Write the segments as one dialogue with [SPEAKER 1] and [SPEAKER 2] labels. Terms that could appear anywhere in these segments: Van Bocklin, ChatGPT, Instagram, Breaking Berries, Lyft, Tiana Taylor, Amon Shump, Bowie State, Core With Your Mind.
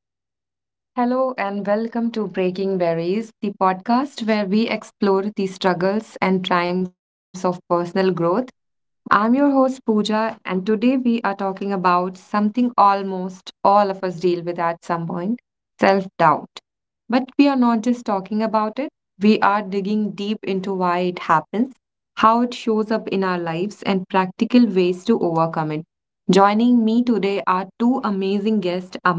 [SPEAKER 1] Hello and welcome to Breaking Berries, the podcast where we explore the struggles and triumphs of personal growth. I'm your host Pooja, and today we are talking about something almost all of us deal with at some point: self doubt. But we are not just talking about it, we are digging deep into why it happens, how it shows up in our lives, and practical ways to overcome it. Joining me today are two amazing guests, Amar,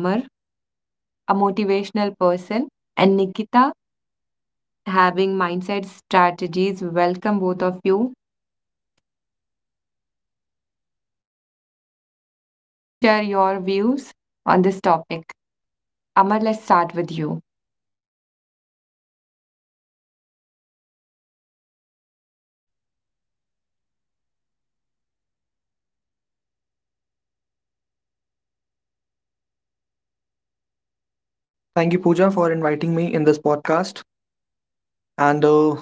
[SPEAKER 1] a motivational person, and Nikita, having mindset strategies. Welcome, both of you. Please share your views on this topic. Amar, let's start with you. Thank you, Pooja, for inviting me in this podcast. And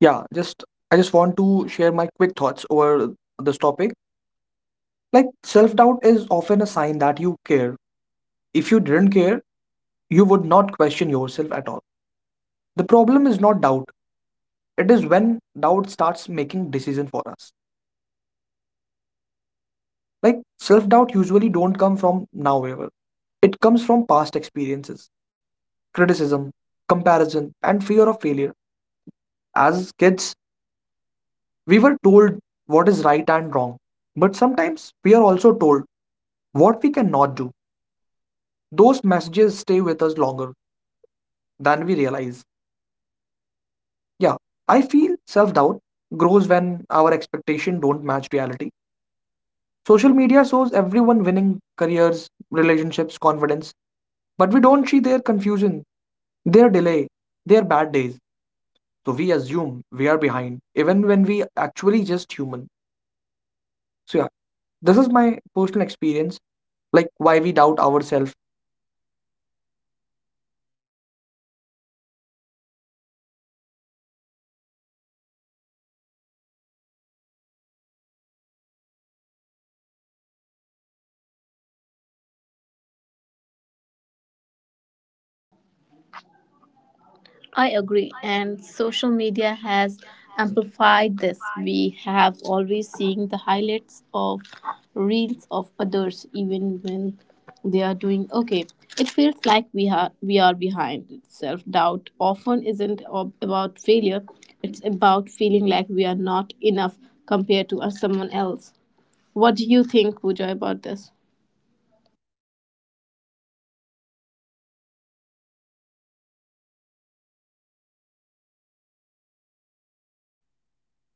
[SPEAKER 1] yeah, just I just want to share my quick thoughts over this topic. Like, self doubt is often a sign that you care. If you didn't care, you would not question yourself at all. The problem is not doubt; it is when doubt starts making decision for us. Like, self-doubt usually don't come from now ever. It comes from past experiences, criticism, comparison, and fear of failure. As kids, we were told what is right and wrong, but sometimes we are also told what we cannot do. Those messages stay with us longer than we realize. Yeah, I feel self doubt grows when our expectation don't match reality. Social media shows everyone winning careers, relationships, confidence, but we don't see their confusion, their delay, their bad days. So we assume we are behind, even when we actually just human. So yeah, this is my personal experience, like why we doubt ourselves.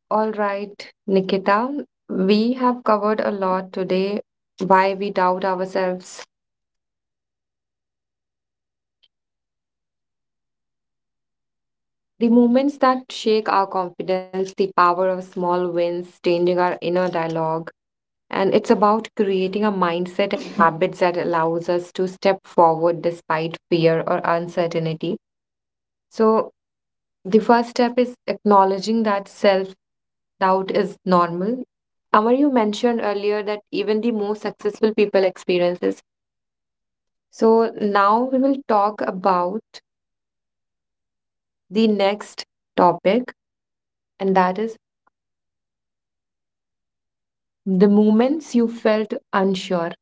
[SPEAKER 1] All right, Nikita, we have covered a lot today: why we doubt ourselves, the moments that shake our confidence, the power of small wins, changing our inner dialogue, and it's about creating a mindset and habits that allows us to step forward despite fear or uncertainty. So the first step is acknowledging that self doubt is normal. Amar, you mentioned earlier that even the most successful people experiences. So now we will talk about the next topic, and that is the moments you felt unsure.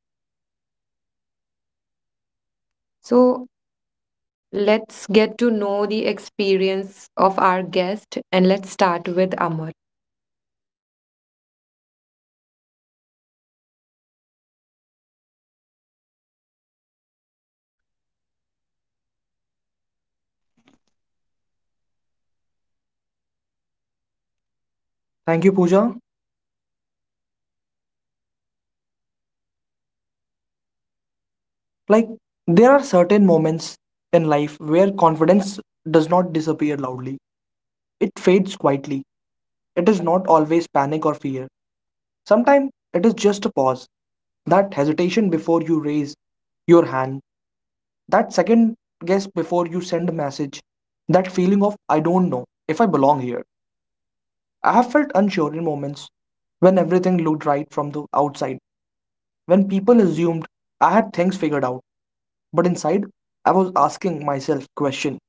[SPEAKER 1] So let's get to know the experience of our guest and let's start with Amar. Thank you, Pooja. Like, there are certain moments in life where confidence does not disappear loudly, it fades quietly. It is not always panic or fear. Sometimes it is just a pause. That hesitation before you raise your hand, that second guess before you send a message, that feeling of, I don't know if I belong here. I have felt unsure in moments when everything looked right from the outside, when people assumed I had things figured out, but inside I was asking myself questions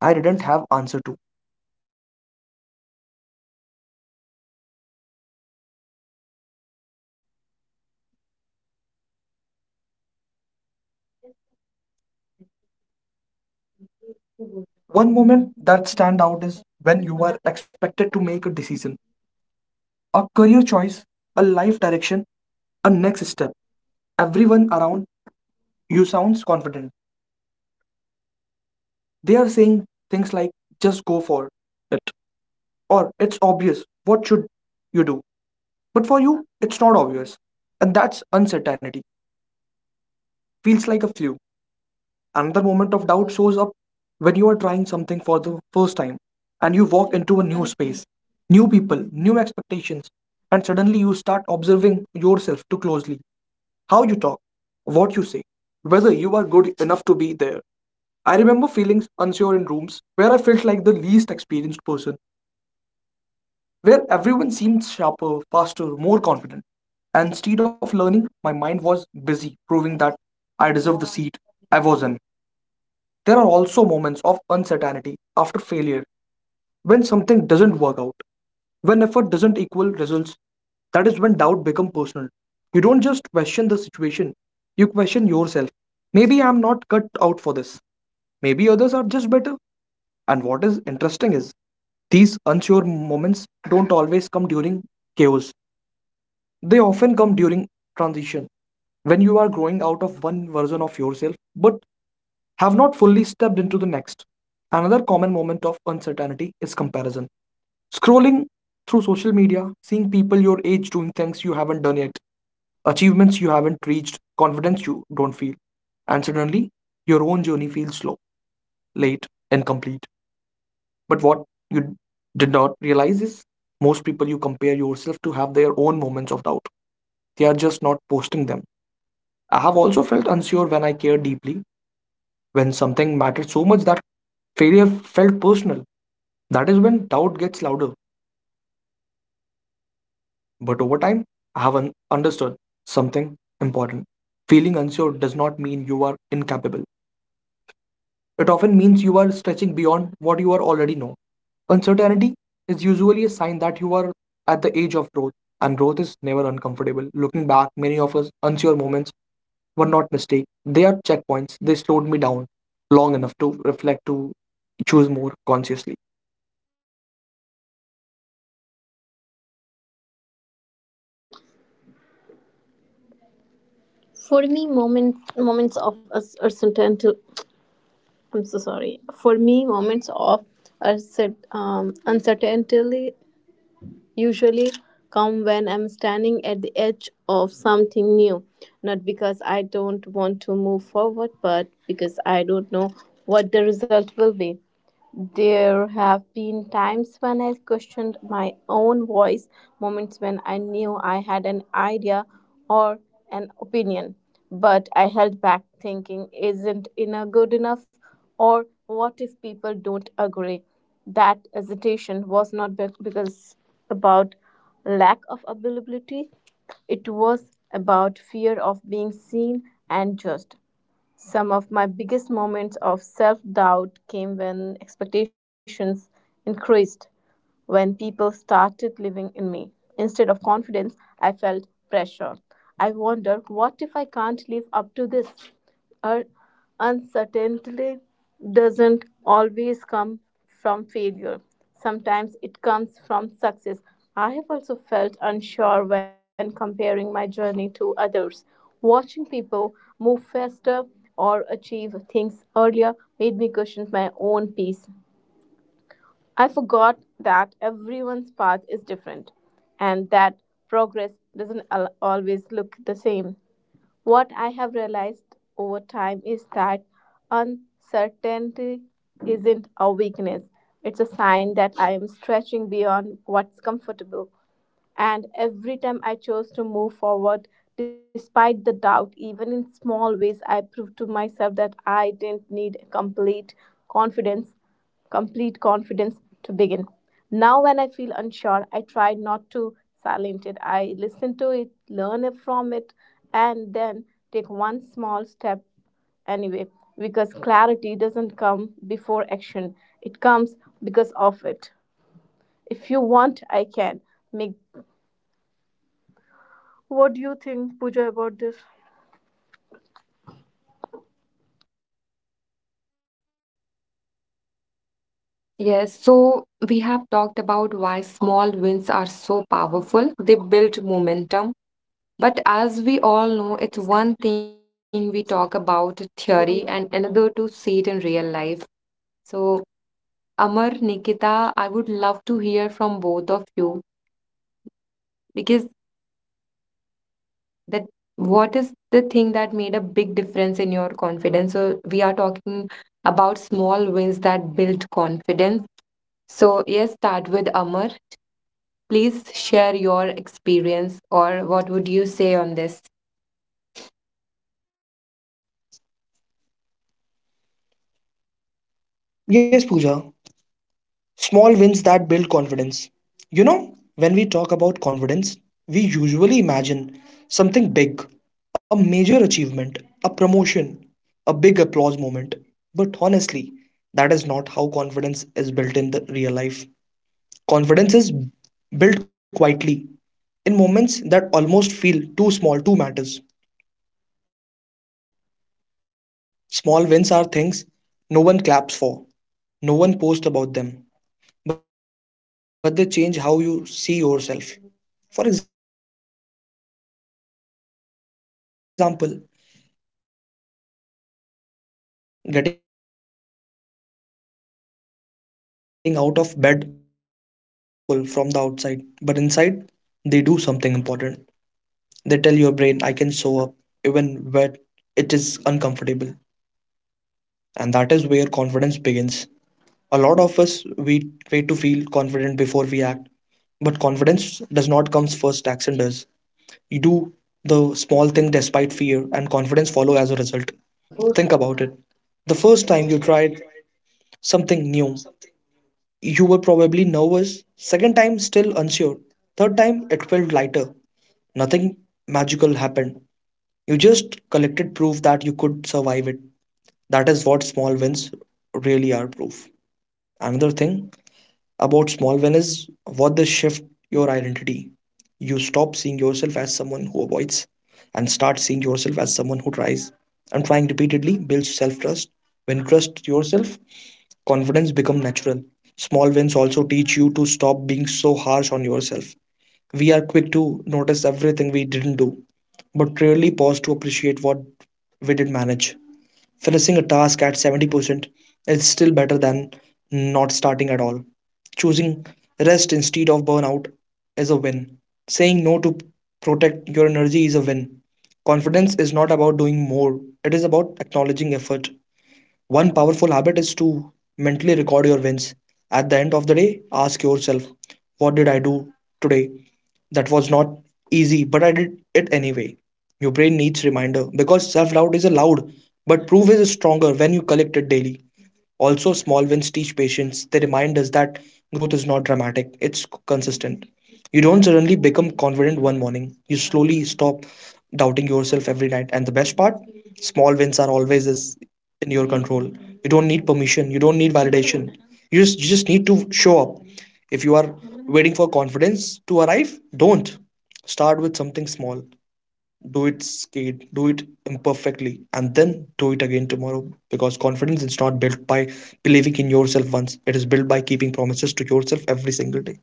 [SPEAKER 1] I didn't have answer to. One moment that stand out is when you are expected to make a decision, a career choice, a life direction, a next step. Everyone around you sounds confident. They are saying things like just go for it or it's obvious what should you do? But for you, it's not obvious. And that's uncertainty. Feels like a flu. Another moment of doubt shows up when you are trying something for the first time and you walk into a new space, new people, new expectations, and suddenly you start observing yourself too closely. How you talk, what you say, whether you are good enough to be there. I remember feeling unsure in rooms where I felt like the least experienced person where everyone seemed sharper, faster, more confident. And instead of learning, my mind was busy proving that I deserved the seat I was in. There are also moments of uncertainty after failure, when something doesn't work out, when effort doesn't equal results, that is when doubt becomes personal. You don't just question the situation, you question yourself. Maybe I'm not cut out for this. Maybe others are just better. And what is interesting is, these unsure moments don't always come during chaos. They often come during transition, when you are growing out of one version of yourself but have not fully stepped into the next. Another common moment of uncertainty is comparison. Scrolling through social media, seeing people your age doing things you haven't done yet, achievements you haven't reached, confidence you don't feel. And suddenly, your own journey feels slow, late, incomplete. But what you did not realize is most people you compare yourself to have their own moments of doubt. They are just not posting them. I have also felt unsure when I cared deeply, when something mattered so much that failure felt personal. That is when doubt gets louder. But over time, I have understood something important. Feeling unsure does not mean you are incapable. It often means you are stretching beyond what you are already know. Uncertainty is usually a sign that you are at the age of growth, and growth is never uncomfortable. Looking back, many of us unsure moments were not mistakes. They are checkpoints. They slowed me down long enough to reflect to choose more consciously. Yes, so we have talked about why small wins are so powerful. They build momentum. But as we all know, it's one thing we talk about theory and another to see it in real life. So, Amar, Nikita, I would love to hear from both of you because that, what is the thing that made a big difference in your confidence? So, we are talking about small wins that build confidence. So, yes, start with Amar. Please share your experience or what would you say on this?
[SPEAKER 2] Yes, Pooja. Small wins that build confidence. When we talk about confidence, we usually imagine something big, a major achievement, a promotion, a big applause moment. But honestly, that is not how confidence is built in the real life. Confidence is built quietly in moments that almost feel too small to matters. Small wins are things no one claps for, no one posts about them, but they change how you see yourself. For example, getting out of bed on a day when your mind is heavy, sending that email you have been overthinking for hours, speaking your opinion even when your voice slightly shakes. These moments don't look powerful from the outside, but inside, they do something important. They tell your brain, I can show up even when it is uncomfortable. And that is where confidence begins. A lot of us we wait to feel confident before we act, but confidence does not comes first. Action does. You do the small thing despite fear, and confidence follow as a result. Think about it. The first time you tried something new, you were probably nervous. Second time, still unsure. Third time, it felt lighter. Nothing magical happened. You just collected proof that you could survive it. That is what small wins really are proof. Another thing about small win is what this shift your identity. You stop seeing yourself as someone who avoids and start seeing yourself as someone who tries. And trying repeatedly builds self trust. When you trust yourself, confidence becomes natural. Small wins also teach you to stop being so harsh on yourself. We are quick to notice everything we didn't do, but rarely pause to appreciate what we did manage. Finishing a task at 70% is still better than not starting at all. Choosing rest instead of burnout is a win. Saying no to protect your energy is a win. Confidence is not about doing more, it is about acknowledging effort. One powerful habit is to mentally record your wins. At the end of the day, ask yourself, what did I do today? That was not easy, but I did it anyway. Your brain needs reminder because self doubt is a loud, but proof is stronger when you collect it daily. Also, small wins teach patience. They remind us that growth is not dramatic, it's consistent. You don't suddenly become confident one morning. You slowly stop doubting yourself every night. And the best part, small wins are always is in your control. You don't need permission, you don't need validation. You just need to show up. If you are waiting for confidence to arrive, don't. Start with something small, do it scared, do it imperfectly, and then do it again tomorrow, because confidence is not built by believing in yourself once. It is built by keeping promises to yourself every single day.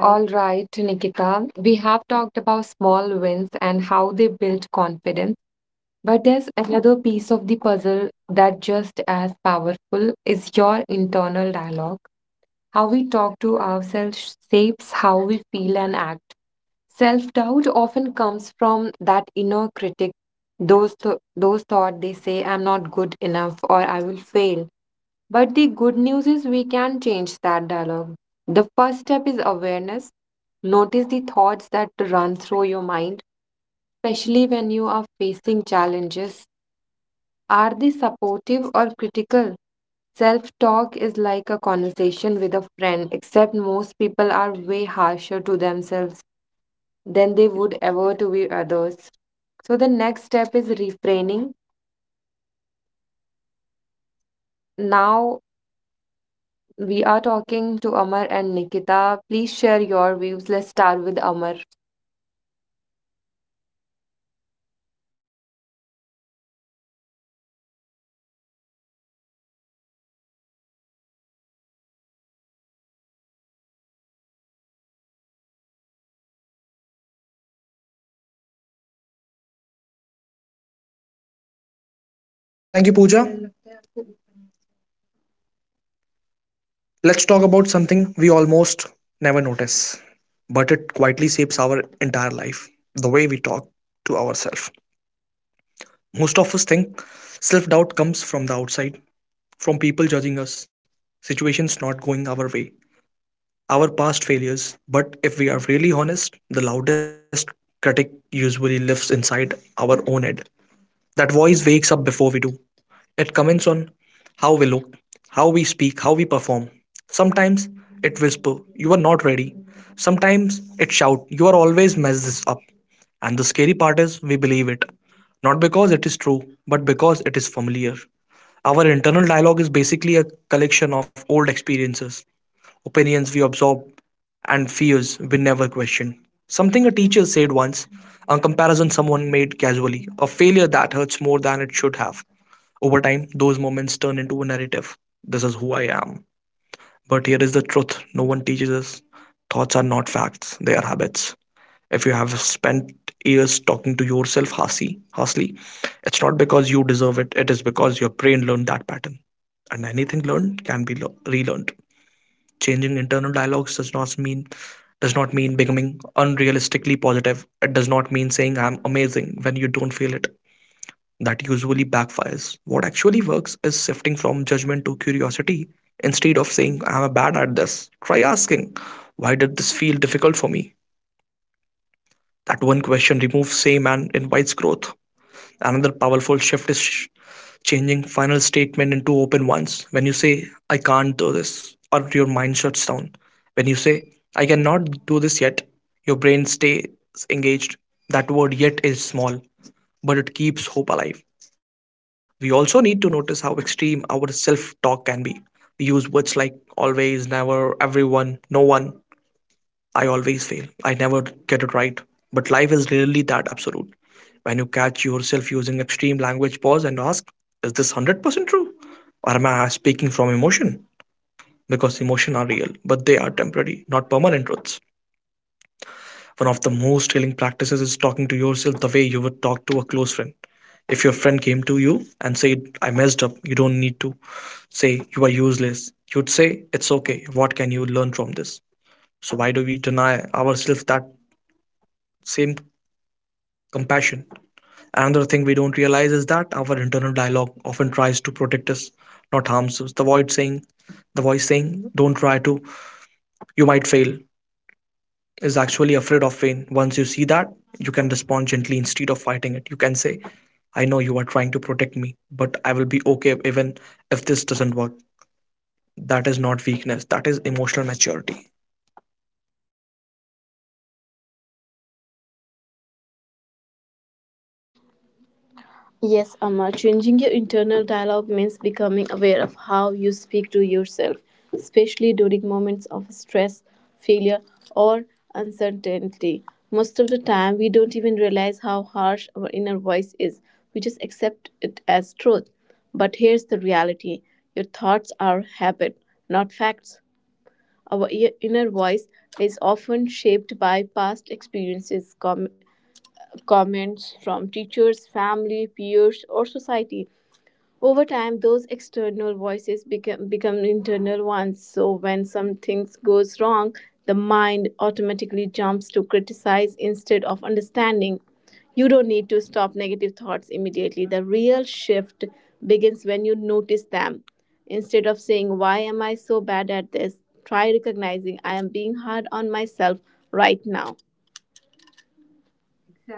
[SPEAKER 1] All right, Nikita, we have talked about small wins and how they build confidence. But there's another piece of the puzzle that just as powerful is your internal dialogue. How we talk to ourselves shapes how we feel and act. Self doubt often comes from that inner critic, those thoughts they say, I'm not good enough or I will fail. But the good news is we can change that dialogue. The first step is awareness. Notice the thoughts that run through your mind, especially when you are facing challenges, are they supportive or critical? Self talk is like a conversation with a friend, except most people are way harsher to themselves than they would ever to be others. So the next step is refraining. Now we are talking to Amar and Nikita. Please share your views. Let's start with Amar.
[SPEAKER 2] Thank you, Pooja. Let's talk about something we almost never notice, but it quietly shapes our entire life: the way we talk to ourselves. Most of us think self doubt comes from the outside, from people judging us, situations not going our way, our past failures. But if we are really honest, the loudest critic usually lives inside our own head. That voice wakes up before we do. It comments on how we look, how we speak, how we perform. Sometimes it whisper, you are not ready. Sometimes it shout, you are always mess this up. And the scary part is we believe it. Not because it is true, but because it is familiar. Our internal dialogue is basically a collection of old experiences, opinions we absorb, and fears we never question. Something a teacher said once, a comparison someone made casually, a failure that hurts more than it should have. Over time, those moments turn into a narrative. This is who I am. But here is the truth no one teaches us. Thoughts are not facts, they are habits. If you have spent years talking to yourself harshly, it's not because you deserve it, it is because your brain learned that pattern. And anything learned can be relearned. Changing internal dialogues does not mean becoming unrealistically positive. It does not mean saying I'm amazing when you don't feel it. That usually backfires. What actually works is shifting from judgment to curiosity. Instead of saying I'm bad at this, try asking, why did this feel difficult for me? That one question removes shame and invites growth. Another powerful shift is changing final statement into open ones. When you say, I can't do this, or your mind shuts down. When you say, I cannot do this yet, your brain stays engaged. That word yet is small, but it keeps hope alive. We also need to notice how extreme our self talk can be. We use words like always, never, everyone, no one. I always fail. I never get it right. But life is rarely that absolute. When you catch yourself using extreme language, pause and ask, is this 100% true? Or am I speaking from emotion? Because emotions are real, but they are temporary, not permanent truths. One of the most healing practices is talking to yourself the way you would talk to a close friend. If your friend came to you and said, I messed up, you don't need to say, you are useless. You'd say, it's okay. What can you learn from this? So, why do we deny ourselves that same compassion? Another thing we don't realize is that our internal dialogue often tries to protect us, not harms us. The voice saying, "Don't try to, you might fail," is actually afraid of pain. Once you see that, you can respond gently instead of fighting it. You can say, "I know you are trying to protect me, but I will be okay even if this doesn't work." That is not weakness, that is emotional maturity.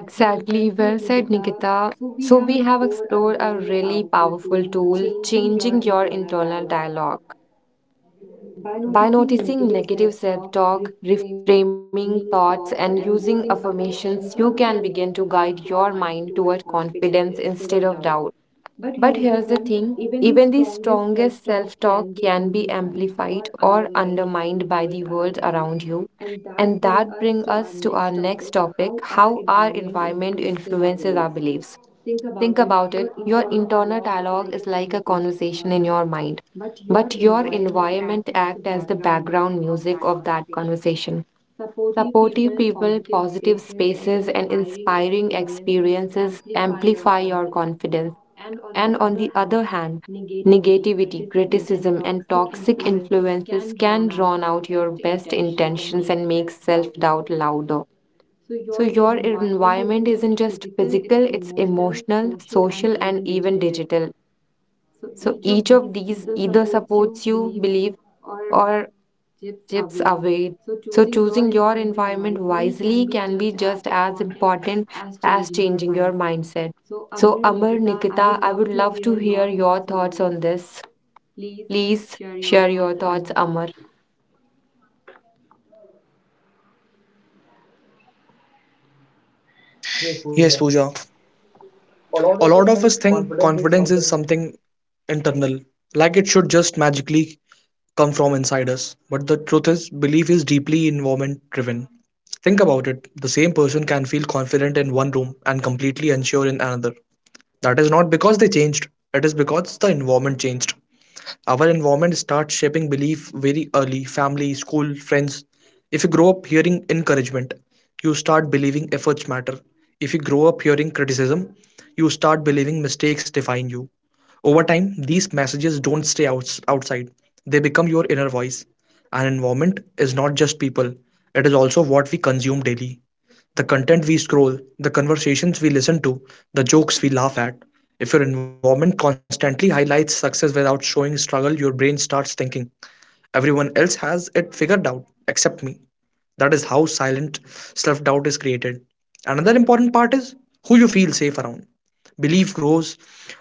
[SPEAKER 1] Exactly. Well said, Nikita. So we have explored a really powerful tool, changing your internal dialogue. By noticing negative self talk, reframing thoughts, and using affirmations, you can begin to guide your mind toward confidence instead of doubt. But here's the thing, even the strongest self talk can be amplified or undermined by the world around you. And that brings us to our next topic: how our environment influences our beliefs. Think about it. Your internal dialogue is like a conversation in your mind, but your environment acts as the background music of that conversation. Supportive people, positive spaces, and inspiring experiences amplify your confidence. And on the other hand, negativity, criticism, and toxic influences can drown out your best intentions and make self doubt louder. So, your environment isn't just physical, it's emotional, social, and even digital. So, each of these either supports you, believe, or chips away. So, choosing your environment wisely can be just as important as changing your mindset. So, Amar, Nikita, I would love to hear your thoughts on this. Please share your thoughts, Amar.
[SPEAKER 2] Yes, Pooja. A lot of us think confidence is something internal, like it should just magically come from inside us. But the truth is, belief is deeply environment driven. Think about it, the same person can feel confident in one room and completely unsure in another. That is not because they changed, it is because the environment changed. Our environment starts shaping belief very early: family, school, friends. If you grow up hearing encouragement, you start believing efforts matter. If you grow up hearing criticism, you start believing mistakes define you. Over time, these messages don't stay outside, they become your inner voice. An environment is not just people, it is also what we consume daily: the content we scroll, the conversations we listen to, the jokes we laugh at. If your environment constantly highlights success without showing struggle, your brain starts thinking, everyone else has it figured out except me. That is how silent self doubt is created. Another important part is who you feel safe around. Belief grows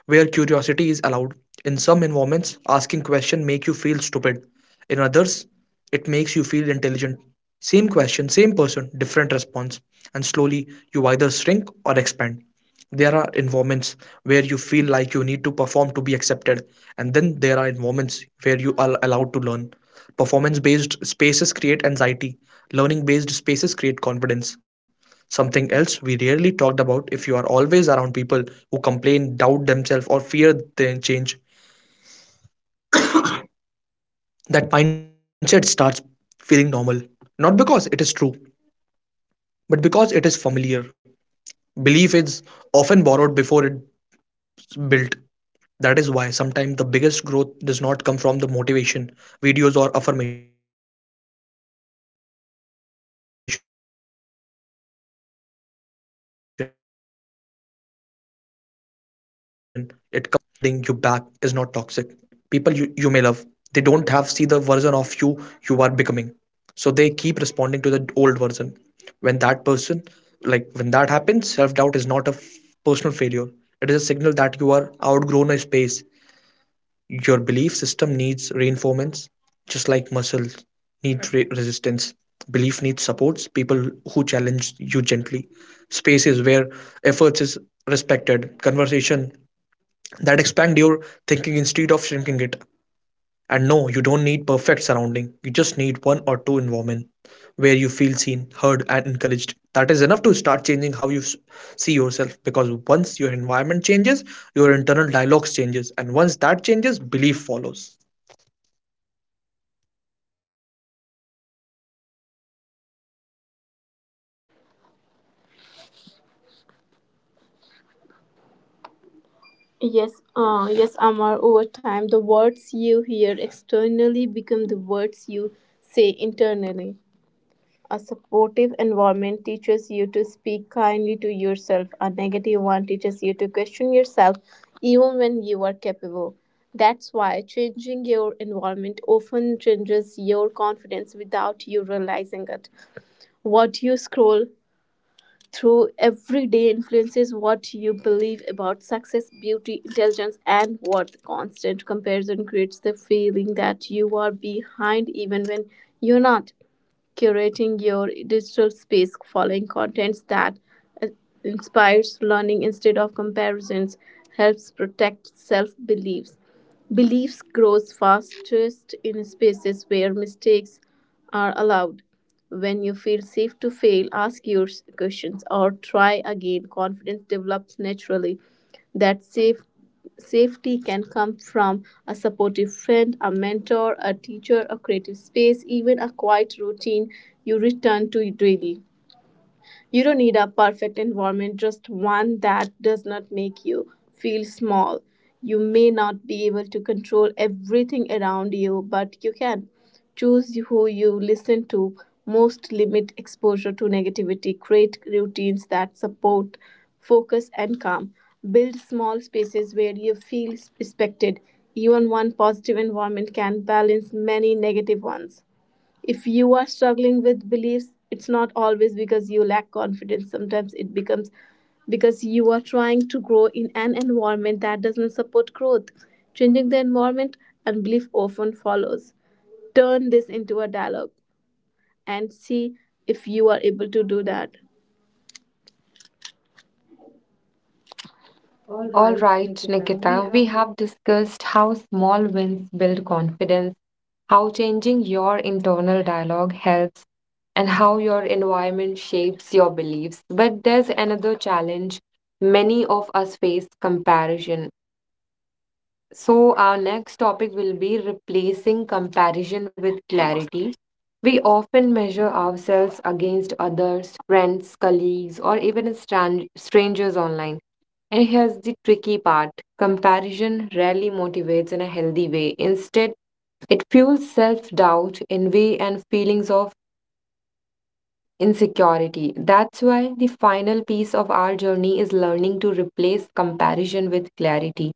[SPEAKER 2] where curiosity is allowed. In some environments, asking questions make you feel stupid. In others, it makes you feel intelligent. Same question, same person, different response, and slowly you either shrink or expand. There are environments where you feel like you need to perform to be accepted, and then there are environments where you are allowed to learn. Performance based spaces create anxiety, learning based spaces create confidence. Something else we rarely talked about, if you are always around people who complain, doubt themselves, or fear their change. That mindset starts feeling normal. Not because it is true, but because it is familiar. Belief is often borrowed before it's built. That is why sometimes the biggest growth does not come from the motivation, videos, or affirmation. It comes from changing rooms, new conversations, new perspectives, new energy. And here is the hard part. Sometimes the environment holding you back is not toxic. It is just limited. People you may love, they don't have see the version of you you are becoming. So they keep responding to the old version. When that person when that happens, self-doubt is not a personal failure. It is a signal that you are outgrown a space, your belief system needs reinforcements, just like muscles need resistance. Belief needs supports, people who challenge you gently, spaces where efforts is respected, conversation that expand your thinking instead of shrinking it. And no, you don't need perfect surrounding. You just need one or two environment where you feel seen, heard, and encouraged. That is enough to start changing how you see yourself, because once your environment changes, your internal dialogues changes, and once that changes, belief follows.
[SPEAKER 1] All right, Nikita, we have discussed how small wins build confidence, how changing your internal dialogue helps, and how your environment shapes your beliefs. But there's another challenge many of us face: comparison. So, our next topic will be replacing comparison with clarity. We often measure ourselves against others, friends, colleagues, or even strangers online. And here's the tricky part: comparison rarely motivates in a healthy way. Instead, it fuels self doubt, envy, and feelings of insecurity. That's why the final piece of our journey is learning to replace comparison with clarity.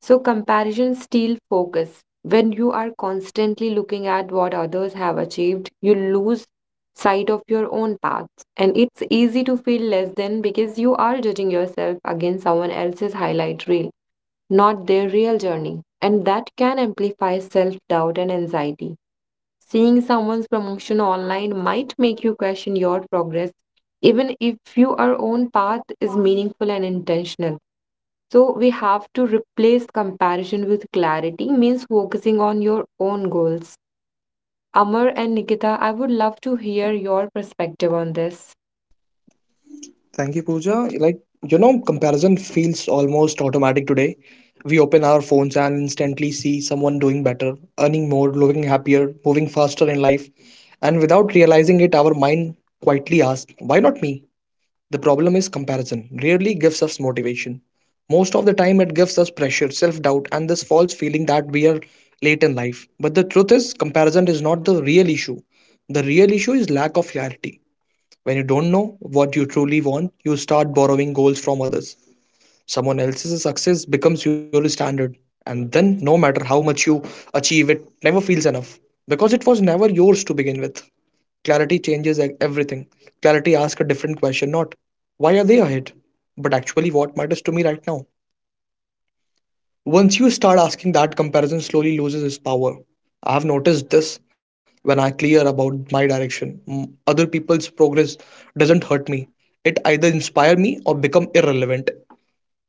[SPEAKER 1] So comparison steal focus. When you are constantly looking at what others have achieved, you lose sight of your own path. And it's easy to feel less than because you are judging yourself against someone else's highlight reel, not their real journey. And that can amplify self doubt and anxiety. Seeing someone's promotion online might make you question your progress, even if your own path is meaningful and intentional. So we have to replace comparison with clarity, means focusing on your own goals. Amar and Nikita, I would love to hear your perspective on this.
[SPEAKER 2] Thank you, Pooja. Like, comparison feels almost automatic today. We open our phones and instantly see someone doing better, earning more, looking happier, moving faster in life. And without realizing it, our mind quietly asks, why not me? The problem is comparison rarely gives us motivation. Most of the time, it gives us pressure, self doubt, and this false feeling that we are late in life. But the truth is, comparison is not the real issue. The real issue is lack of clarity. When you don't know what you truly want, you start borrowing goals from others. Someone else's success becomes your standard. And then, no matter how much you achieve, it never feels enough because it was never yours to begin with. Clarity changes everything. Clarity asks a different question, not why are they ahead, but actually what matters to me right now. Once you start asking that, comparison slowly loses its power. I have noticed this when I clear about my direction. Other people's progress doesn't hurt me. It either inspire me or become irrelevant.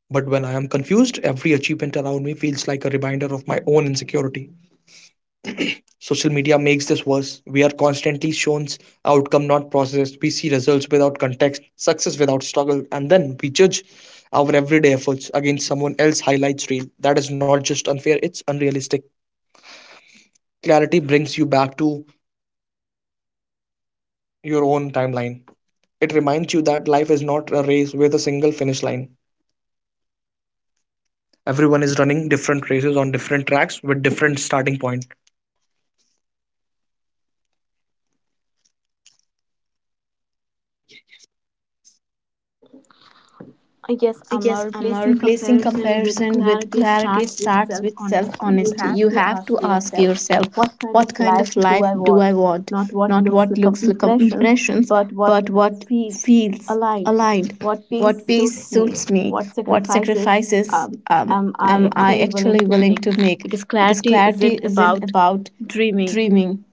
[SPEAKER 2] But when I am confused, every achievement around me feels like a reminder of my own insecurity. Social media makes this worse. We are constantly shown outcome not process. We see results without context, success without struggle, and then we judge our everyday efforts against someone else highlights reel. That is not just unfair, it's unrealistic. Clarity brings you back to your own timeline. It reminds you that life is not a race with a single finish line. Everyone is running different races on different tracks with different starting point. Yes, Amma, replacing comparison with clarity starts with self honesty. You have to ask yourself, what kind of life do I want? Not what looks like impressions, but what feels aligned, what pace suits me, what sacrifices am I actually willing to make? Because clarity isn't about dreaming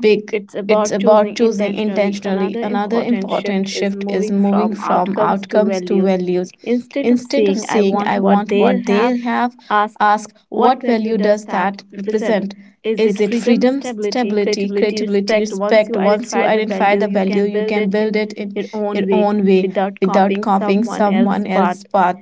[SPEAKER 2] big. It's about choosing intentionally. Another important shift is moving from outcomes to values. Instead of saying, I want what they have, ask, what value does that represent? Is it freedom, stability, creativity, respect? Once you identify the value, you can build it in your own way without copying someone else's path.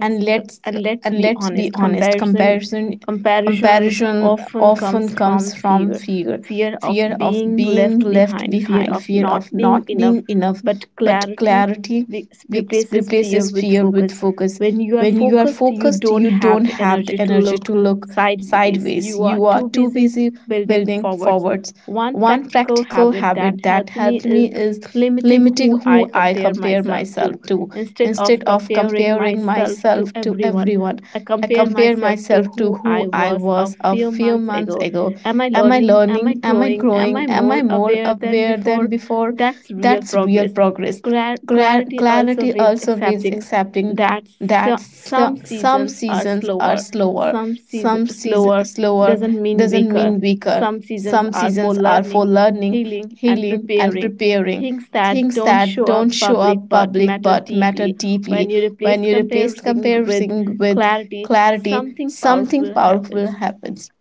[SPEAKER 2] And let's and let's be honest, comparison often comes from fear of being left behind, fear of not being enough. But clarity replaces fear with focus. When you are focused, you don't have the energy to look sideways. You are too busy building forwards. One practical habit that helped me is limiting who I compare myself to. Instead of comparing myself to everyone, I compare myself to who I was a few months ago. Am I learning? Am I growing? Am I more aware than before? That's real progress. Clarity also means accepting that some seasons are slower. Some season slower doesn't mean weaker. Some seasons are for learning, healing, and preparing. Things that don't show up public but matter deeply. When you replace comparison with clarity, something powerful happens.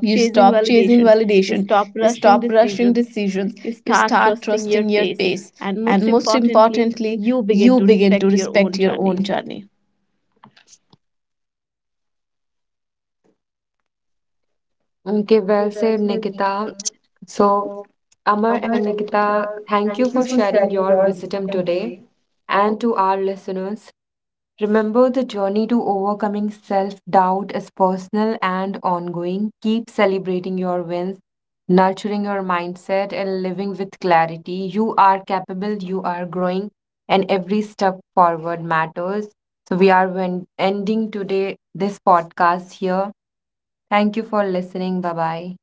[SPEAKER 2] You stop chasing validation, you stop rushing decisions, you start trusting your pace, and most importantly, you begin to respect your own journey.
[SPEAKER 1] Okay, well said, Nikita. So Amar and Nikita, thank you for sharing your wisdom today. And to our listeners, remember the journey to overcoming self doubt is personal and ongoing. Keep celebrating your wins, nurturing your mindset, and living with clarity. You are capable, you are growing, and every step forward matters. So, we are ending today this podcast here. Thank you for listening. Bye bye.